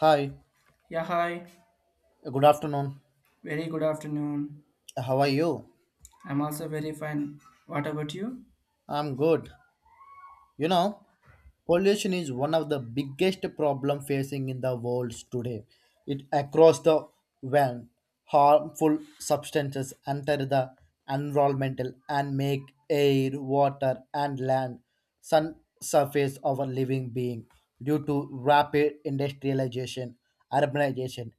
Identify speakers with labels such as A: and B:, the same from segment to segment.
A: Hi,
B: Yeah, hi.
A: good afternoon.
B: Very good afternoon.
A: How are you?
B: I'm also very fine. What about you?
A: I'm good. You know, pollution is one of the biggest problem facing in the world today. It across the world, harmful substances enter the environmental and make air, water, and land sun surface of a living being due to rapid industrialization, urbanization,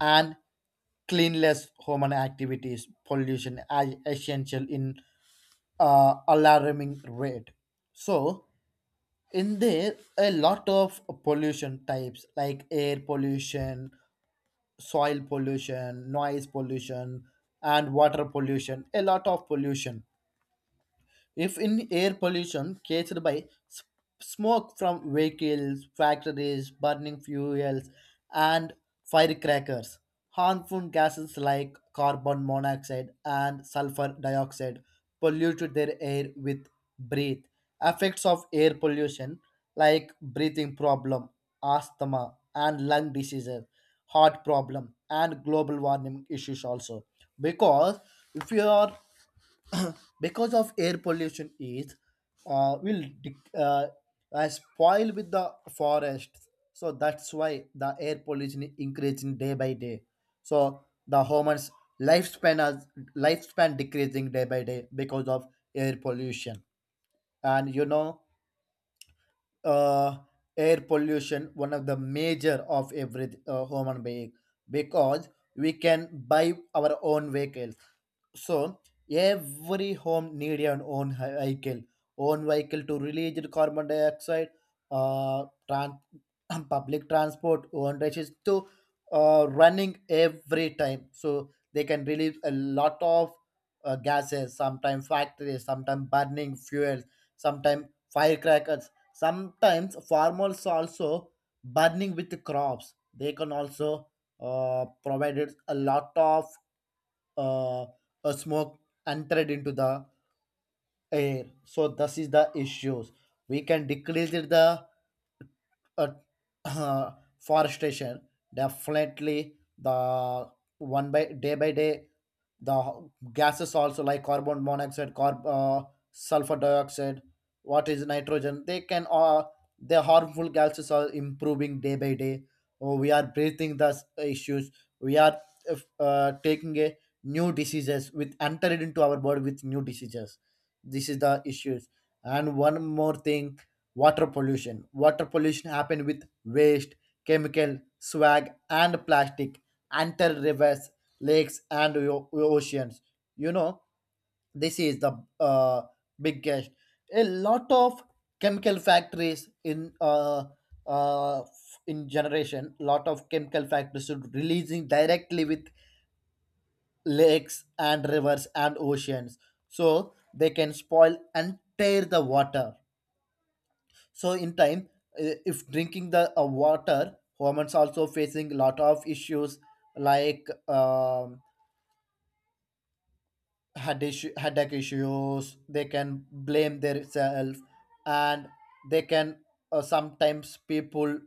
A: and cleanless human activities pollution as essential in alarming rate. So in there a lot of pollution types like air pollution, soil pollution, noise pollution, and water pollution, a lot of pollution. If in air pollution caused by smoke from vehicles, factories, burning fuels, and firecrackers, harmful gases like carbon monoxide and sulfur dioxide pollute their air with breath. Effects of air pollution like breathing problem, asthma, and lung diseases, heart problem, and global warming issues also. Because if you are because of air pollution is uh, will dec- uh, spoil with the forests. So that's why the air pollution is increasing day by day. So the humans lifespan as lifespan decreasing day by day because of air pollution. And uh, air pollution one of the major of every human being, because we can buy our own vehicles. So every home need an own vehicle, own vehicle to release the carbon dioxide, uh, trans- public transport, own races to running every time. So they can release a lot of gases, sometimes factories, sometimes burning fuels, sometimes firecrackers, sometimes farmers also burning with the crops. They can also provided a lot of uh, a smoke entered into the air. So this is the issues. We can decrease it the uh, forestation. Definitely the one by day the gases also like carbon monoxide sulfur dioxide, what is nitrogen, they can the harmful gases are improving day by day. Oh, we are breathing the issues. We are if, taking a new diseases with entered into our body with new diseases. This is the issues. And one more thing, water pollution. Water pollution happen with waste, chemical swag and plastic enter rivers, lakes, and oceans. You know, this is the uh, biggest. A lot of chemical factories uh, in generation, lot of chemical factories are releasing directly with lakes and rivers and oceans, so they can spoil and tear the water. So in time, if drinking the water, humans also facing lot of issues like had issue, headache issues, they can blame themselves. And they can sometimes people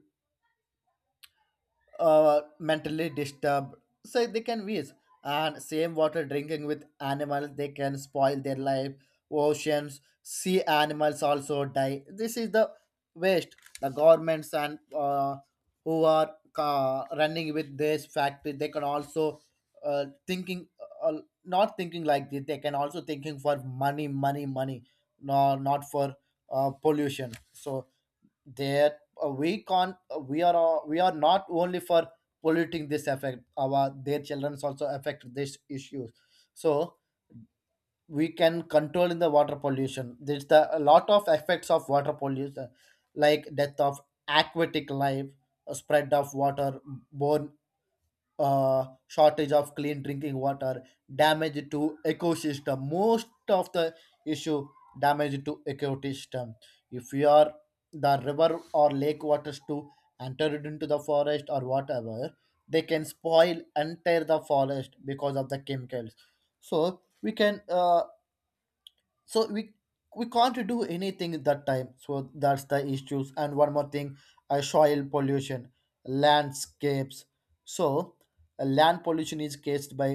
A: mentally disturbed, so they can waste. And same water drinking with animals, they can spoil their life. Oceans sea animals also die. This is the waste. The governments and who are running with this factory, they can also thinking, uh, not thinking like this, they can also thinking for money money money, no not for pollution. So that we are not only for polluting, this effect our their children also affect this issue. So we can control in the water pollution. There's the a lot of effects of water pollution like death of aquatic life, spread of water borne, shortage of clean drinking water, damage to ecosystem. Most of the issue damage to ecosystem. If you are the river or lake waters to enter it into the forest or whatever, they can spoil entire the forest because of the chemicals. So so we we can't do anything at that time. So that's the issues. And one more thing, soil pollution, landscapes. So land pollution is caused by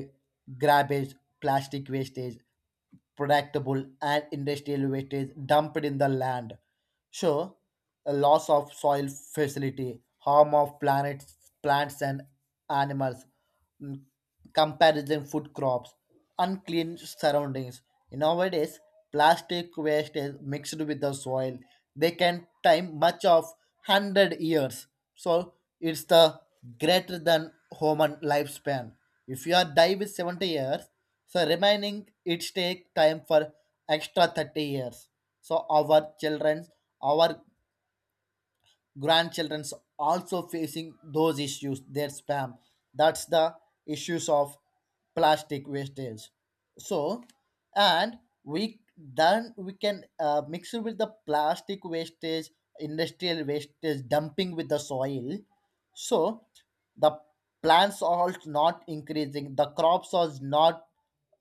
A: garbage, plastic wastage, productable and industrial wastage dumped in the land. Sure, a loss of soil facility, harm of planets, plants and animals, mm, comparison food crops, unclean surroundings. Nowadays, plastic waste is mixed with the soil. They can time much of 100 years. So it's the greater than human lifespan. If you are die with 70 years, so remaining it take time for extra 30 years. So our children, our grandchildren's also facing those issues their spam. That's the issues of plastic wastage. So and we then we can mix it with the plastic wastage, industrial wastage dumping with the soil. So the plants are not increasing. The crops are not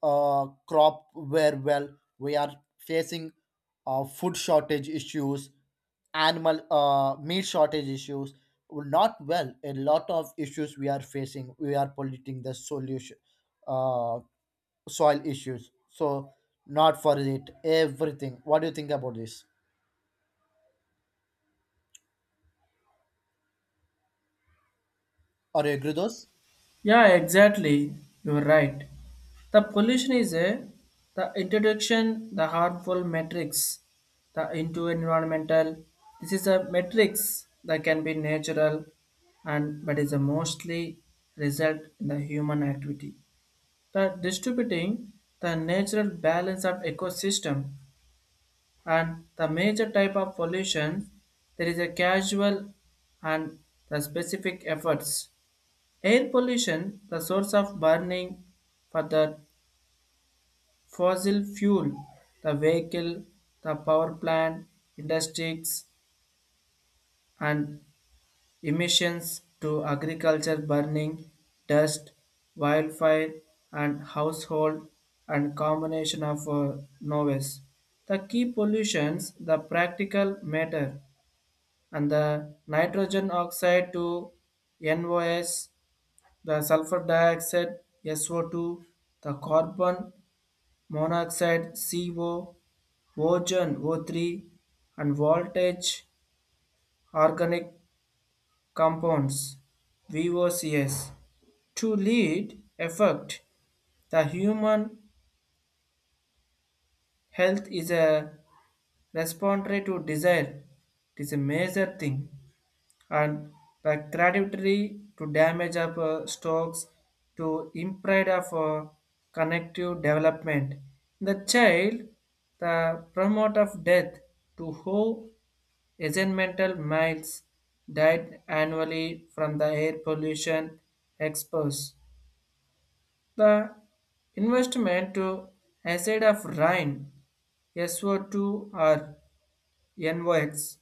A: crop very well. We are facing food shortage issues, animal meat shortage issues. Not well. A lot of issues we are facing. We are polluting the solution, uh, soil issues. So not for it. Everything. What do you think about this? Are you agree those?
B: Yeah, exactly. You're right. The pollution is a the introduction, the harmful matrix, the into environmental. This is a matrix that can be natural and but is a mostly result in the human activity. The distributing the natural balance of ecosystem and the major type of pollution there is a casual and the specific efforts air pollution the source of burning for the fossil fuel the vehicle the power plant industries and emissions to agriculture burning dust wildfire and household and combination of noise the key pollutions the practical matter and the nitrogen oxide to NOs, the sulfur dioxide SO2, the carbon monoxide CO, ozone O3, and voltage organic compounds VOCs. To lead effect, the human health is a respiratory to desire. It is a major thing. And the creativity to damage of stocks to impride of connective development. The child, the promote of death to who mental miles died annually from the air pollution exposed. The investment to acid of Rhine SO2 or NOx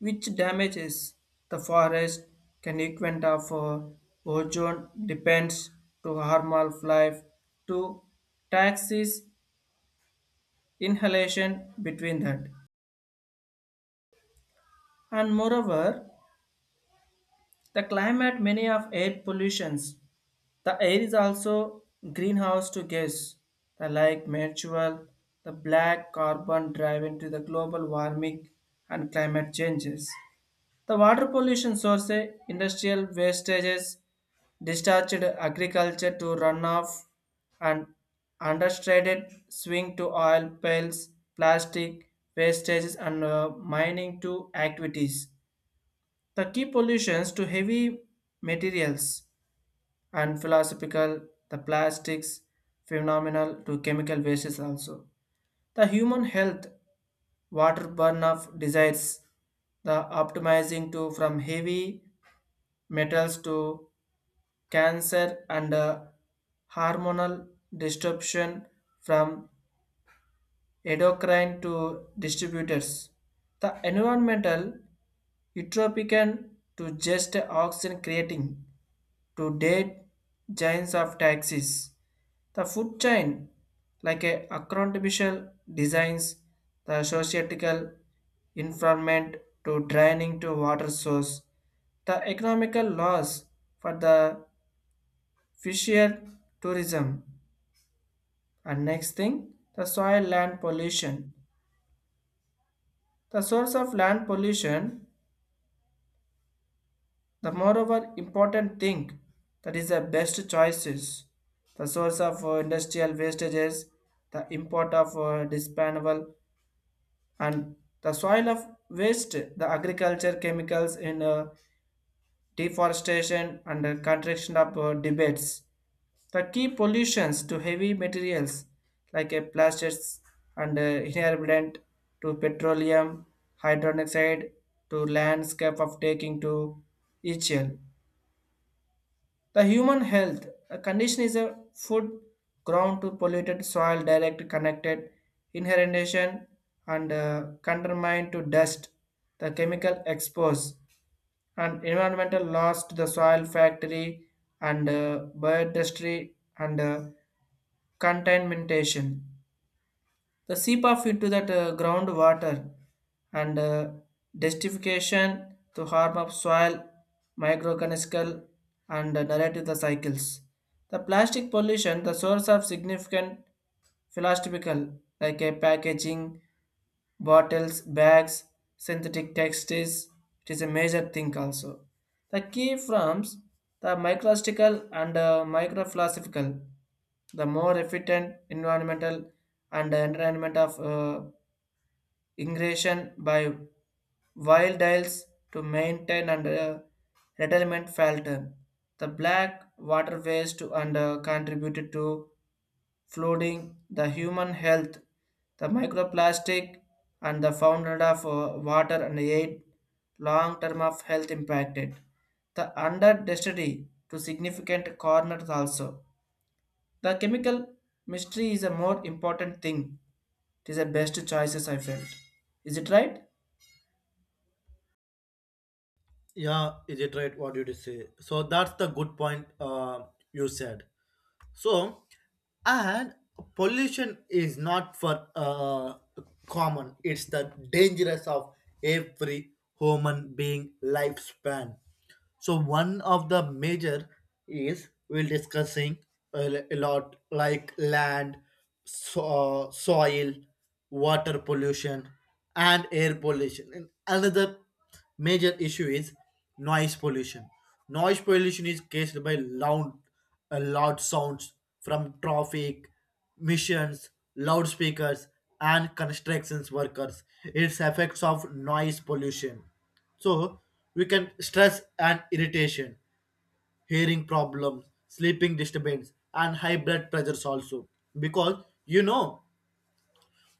B: which damages the forest can equent of ozone depends to harmful life to taxis inhalation between that. And moreover the climate many of air pollutions the air is also greenhouse to gas the like mutual the black carbon drive to the global warming and climate changes. The water pollution source eh, industrial wastages, discharged agriculture to runoff, and understated swing to oil pails, plastic wastages, and mining to activities. The key pollutions to heavy materials and philosophical, the plastics, phenomenal to chemical wastes also. The human health, water burn of desires, the optimizing to from heavy metals to cancer and hormonal disruption from endocrine to distributors. The environmental utopian to just oxygen creating to dead giants of taxis. The food chain like a accountabishal designs the societal environment to draining to water source. The economical loss for the fisher tourism. And next thing, the soil land pollution. The source of land pollution, the moreover important thing that is the best choices. The source of industrial wastages, the import of disposable and the soil of waste, the agriculture chemicals in deforestation and the contraction of debates. The key pollutions to heavy materials like plastics and inherent to petroleum, hydrogen oxide, to landscape of taking to HL. The human health a condition is a food ground to polluted soil direct connected inherentation and contaminant to dust, the chemical expose and environmental loss to the soil factory and biodiversity and contamination the seep off into that groundwater and destruction to harm of soil, microorganisms, and narrative the cycles. The plastic pollution, the source of significant philosophical, like a packaging, bottles, bags, synthetic textiles. It is a major thing also. The key forms the microstical and microphilosophical, the more efficient environmental and the environment of ingression by wild dials to maintain and retirement Felton. The black waterways to and contributed to flooding, the human health, the microplastic, and the founder of water and aid long term of health impacted. The under destiny to significant corners also the chemical mystery is a more important thing. It is the best choices I felt. Is it right?
A: Yeah, is it right what you did say? So that's the good point you said. So, and pollution is not for common. It's the dangerous of every human being lifespan. So one of the major is we'll discussing a lot like land, so, soil, water pollution, and air pollution. And another major issue is noise pollution. Noise pollution is caused by loud sounds from traffic, missions, loudspeakers, and constructions workers. Its effects of noise pollution. So we can stress and irritation, hearing problems, sleeping disturbance, and high blood pressures also. Because you know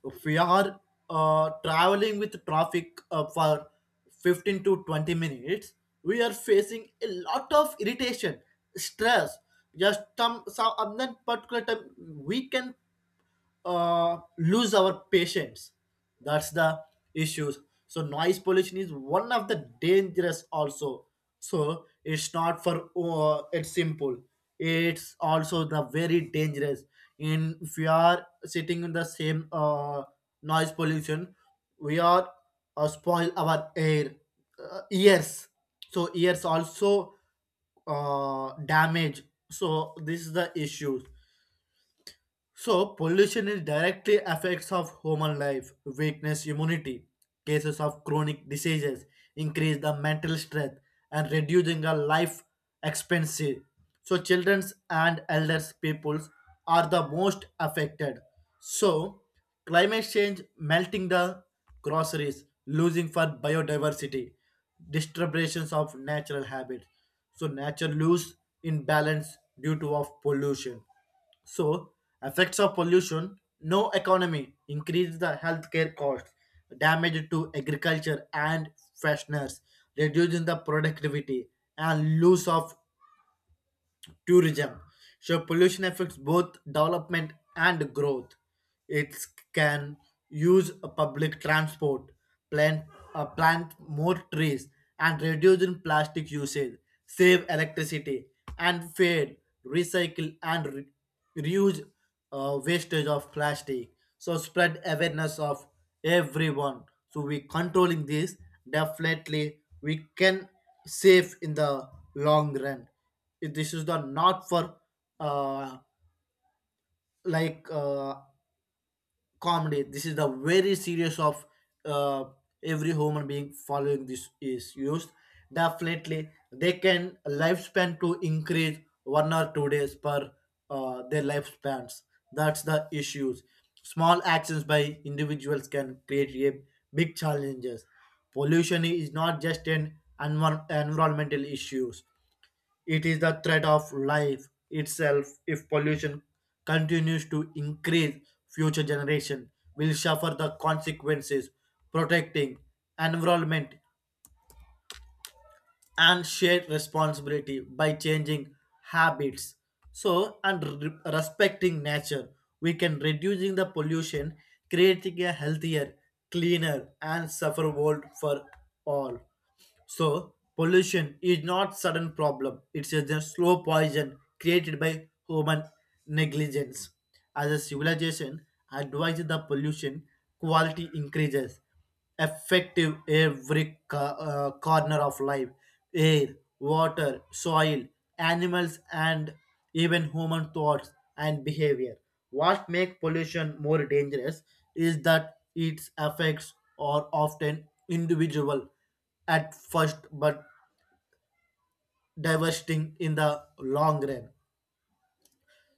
A: if we are traveling with traffic for 15 to 20 minutes, we are facing a lot of irritation, stress. Just some at that particular time, we can lose our patience. That's the issues. So noise pollution is one of the dangerous also. So it's not for it's simple. It's also the very dangerous. In if we are sitting in the same noise pollution, we are spoil our air ears. So ears also damage. So this is the issue. So pollution is directly affects of human life, weakness, immunity, cases of chronic diseases, increase the mental strength and reducing the life expectancy. So childrens and elders peoples are the most affected. So climate change melting the groceries, losing for biodiversity, disturbances of natural habits. So nature lose in balance due to of pollution. So, effects of pollution, no economy, increase the healthcare costs, damage to agriculture and fresheners, reducing the productivity and loss of tourism. So pollution affects both development and growth. It can use a public transport, plant plant more trees, and reduce in plastic usage, save electricity, and fair recycle and reuse wastage of plastic. So spread awareness of everyone. So we controlling this, definitely we can save in the long run. If this is the not for uh, like uh, comedy, this is the very serious of uh, every human being following. This is used, definitely they can lifespan to increase one or two days per their lifespans. That's the issues. Small actions by individuals can create a big challenges. Pollution is not just an environmental issues. It is the threat of life itself. If pollution continues to increase, future generation will suffer the consequences. Protecting environment and shared responsibility by changing habits. So and respecting nature, we can reducing the pollution, creating a healthier, cleaner, and safer world for all. So, pollution is not sudden problem. It's just a slow poison created by human negligence. As a civilization advises the pollution, quality increases, effective every corner of life, air, water, soil, animals, and even human thoughts and behavior. What makes pollution more dangerous is that its effects are often individual at first but divesting in the long run.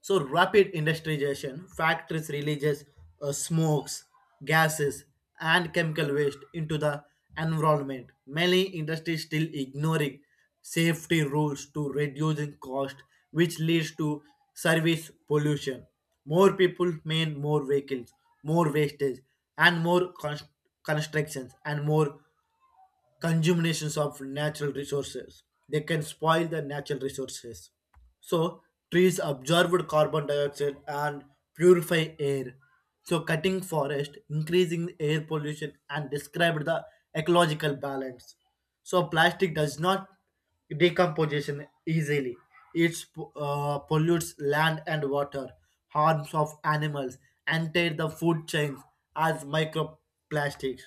A: So rapid industrialization, factories releases smokes, gases, and chemical waste into the environment. Many industries still ignoring safety rules to reducing cost, which leads to service pollution. More people mean more vehicles, more wastage, and more constructions, and more consumptions of natural resources. They can spoil the natural resources. So trees absorb carbon dioxide and purify air. So cutting forest, increasing air pollution and described the ecological balance. So plastic does not decomposition easily. It pollutes land and water, harms of animals, enter the food chains as microplastics.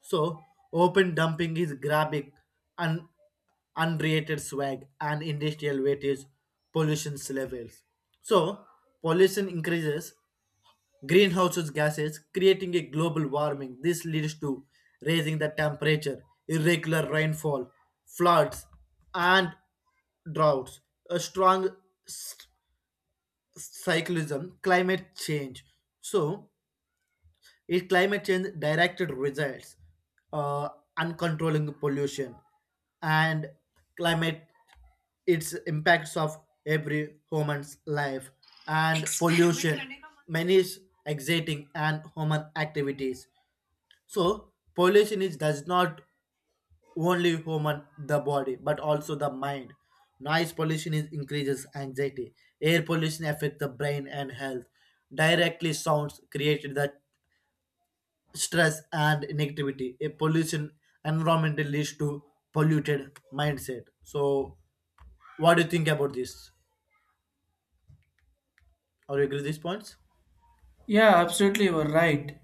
A: So, open dumping is grabbing and unrated swag and industrial weightage pollution levels. So pollution increases greenhouse gases creating a global warming. This leads to raising the temperature, irregular rainfall, floods, and droughts, a strong s- cyclism climate change. So is climate change directed results, uh, uncontrolling pollution, and climate its impacts of every human's life, and pollution many is exciting and human activities. So pollution is does not only human the body but also the mind. Noise pollution is increases anxiety, air pollution affect the brain and health, directly sounds created the stress and negativity. A pollution environmental leads to polluted mindset. So what do you think about this? Are you agree these points?
B: Yeah, absolutely, you are right.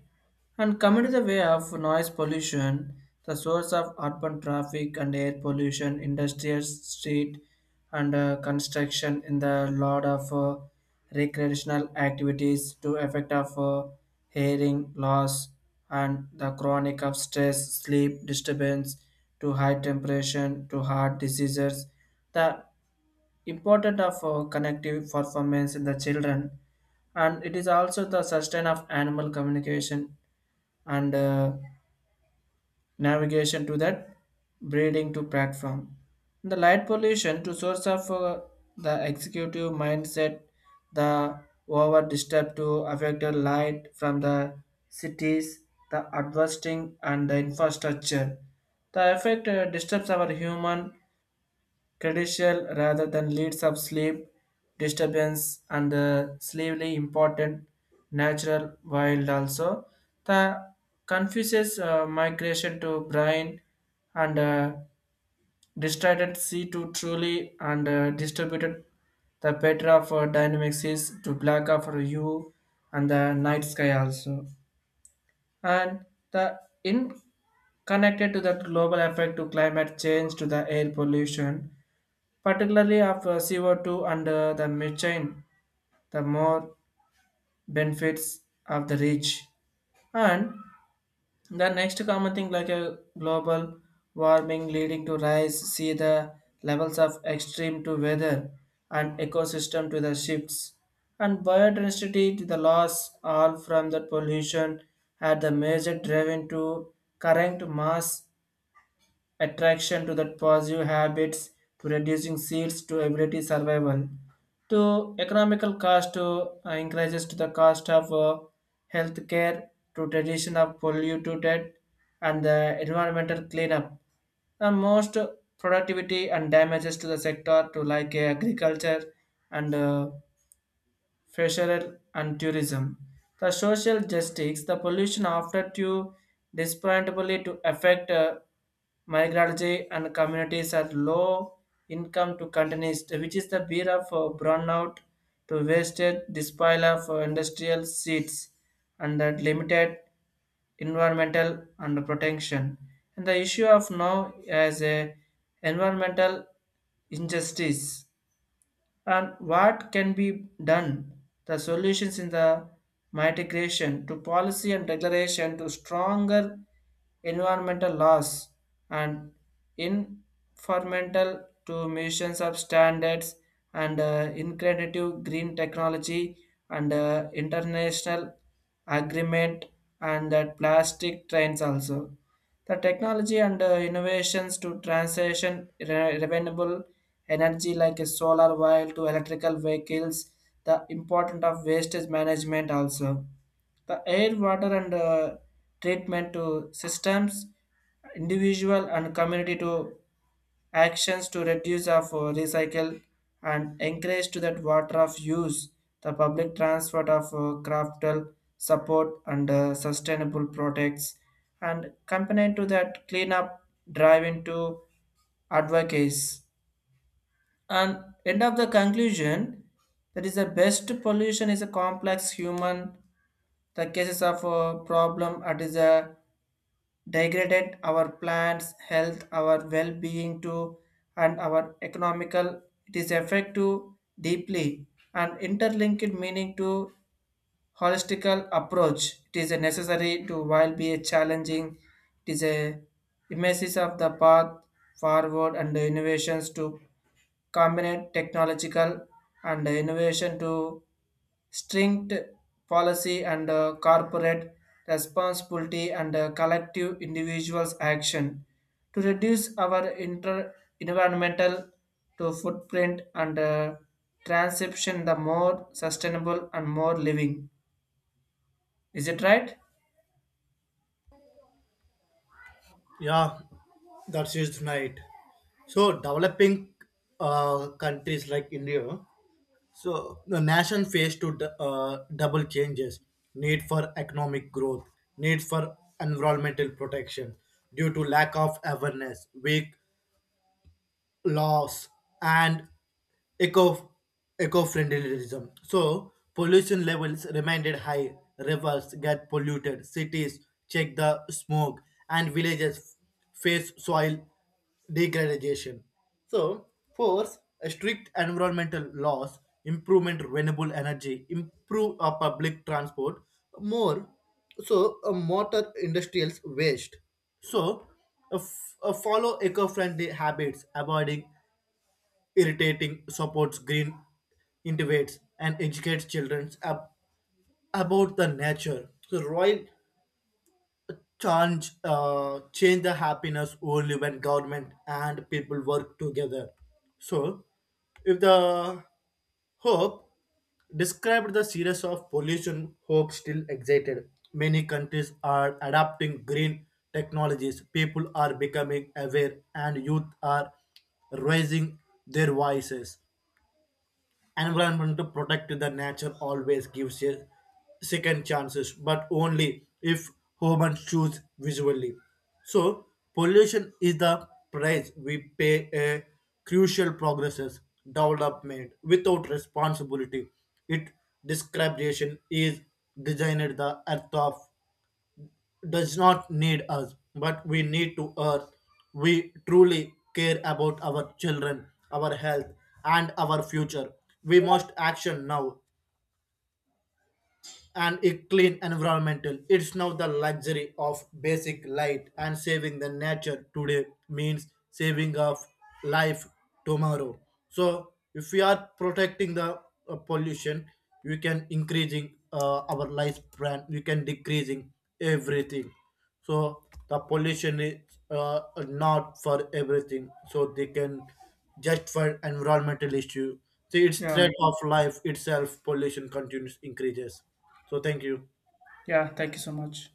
B: And coming to the way of noise pollution, the source of urban traffic and air pollution, industrial street and construction in the lot of recreational activities to effect of hearing loss and the chronic of stress, sleep disturbance to high temperature to heart diseases. The important of connective performance in the children and it is also the sustain of animal communication and navigation to that breeding to platform. The light pollution to source of the executive mindset, the over disturb to affected light from the cities, the adversing and the infrastructure. The effect disturbs our human crucial rather than leads of sleep disturbance and the sleepily important natural wild also the confuses migration to brain and distributed c2 truly and distributed the better of dynamics is to black of you and the night sky also and the in connected to that global effect to climate change to the air pollution particularly of CO2 and the methane, the more benefits of the rich. And the next common thing like a global warming leading to rise, see the levels of extreme to weather and ecosystem to the shifts and biodiversity to the loss all from the pollution had the major driven to current mass attraction to that positive habits to reducing seeds to ability survival to economical cost to increases to the cost of healthcare to tradition of polluted and the environmental cleanup and most productivity and damages to the sector to like agriculture and fishery and tourism. The social justice, the pollution after to disparately to affect migratory and communities at low income to countries, which is the beer of burnout to wasted disposal of industrial seeds and that limited environmental and protection. And the issue of now as a environmental injustice and what can be done the solutions in the mitigation to policy and declaration to stronger environmental laws and environmental to missions of standards and inclusive green technology and international agreement and that plastic trains also. The technology and innovations to transition renewable energy like a solar while to electrical vehicles, the importance of wastage management also. The air, water and treatment to systems, individual and community to actions to reduce of recycle and encourage to that water of use the public transport of craftal support and sustainable products and component to that cleanup drive into advocates and end of the conclusion that is the best pollution is a complex human the cases of a problem it is a degraded our plants health our well-being too and our economical it is effect to deeply and interlinked meaning to holistical approach. It is a necessary to while be a challenging, it is a emesis of the path forward and the innovations to combine technological and the innovation to strict policy and corporate responsibility and collective individuals action to reduce our environmental to footprint and transcription the more sustainable and more living. Is it right?
A: Yeah, that's just right. So developing countries like India, so the nation faced to double changes: need for economic growth, need for environmental protection due to lack of awareness, weak laws and eco eco-friendlyism. So pollution levels remained high, rivers get polluted, cities check the smoke, and villages face soil degradation. So fourth, a strict environmental laws, improvement renewable energy, improve public transport, more so motor industrials waste. So follow eco-friendly habits, avoiding irritating supports green innovates and educates children about the nature. So, Royal change the happiness only when government and people work together. So, if the hope described the series of pollution hope still excited. Many countries are adapting green technologies. People are becoming aware, and youth are raising their voices environment to protect the nature, always gives a second chances but only if humans choose visually. So pollution is the price we pay, a crucial progresses development without responsibility. It discrimination is designed. The earth of does not need us, but we need to earth. We truly care about our children, our health, and our future. We must action now and a clean environmental. It's now the luxury of basic light and saving the nature today means saving of life tomorrow. So if we are protecting the pollution, we can increasing our lifespan. We can decreasing everything. So the pollution is uh, not for everything. So they can just for environmental issue. So its
B: Yeah.
A: threat of life itself, pollution continues increases. So thank you.
B: Yeah. Thank you so much.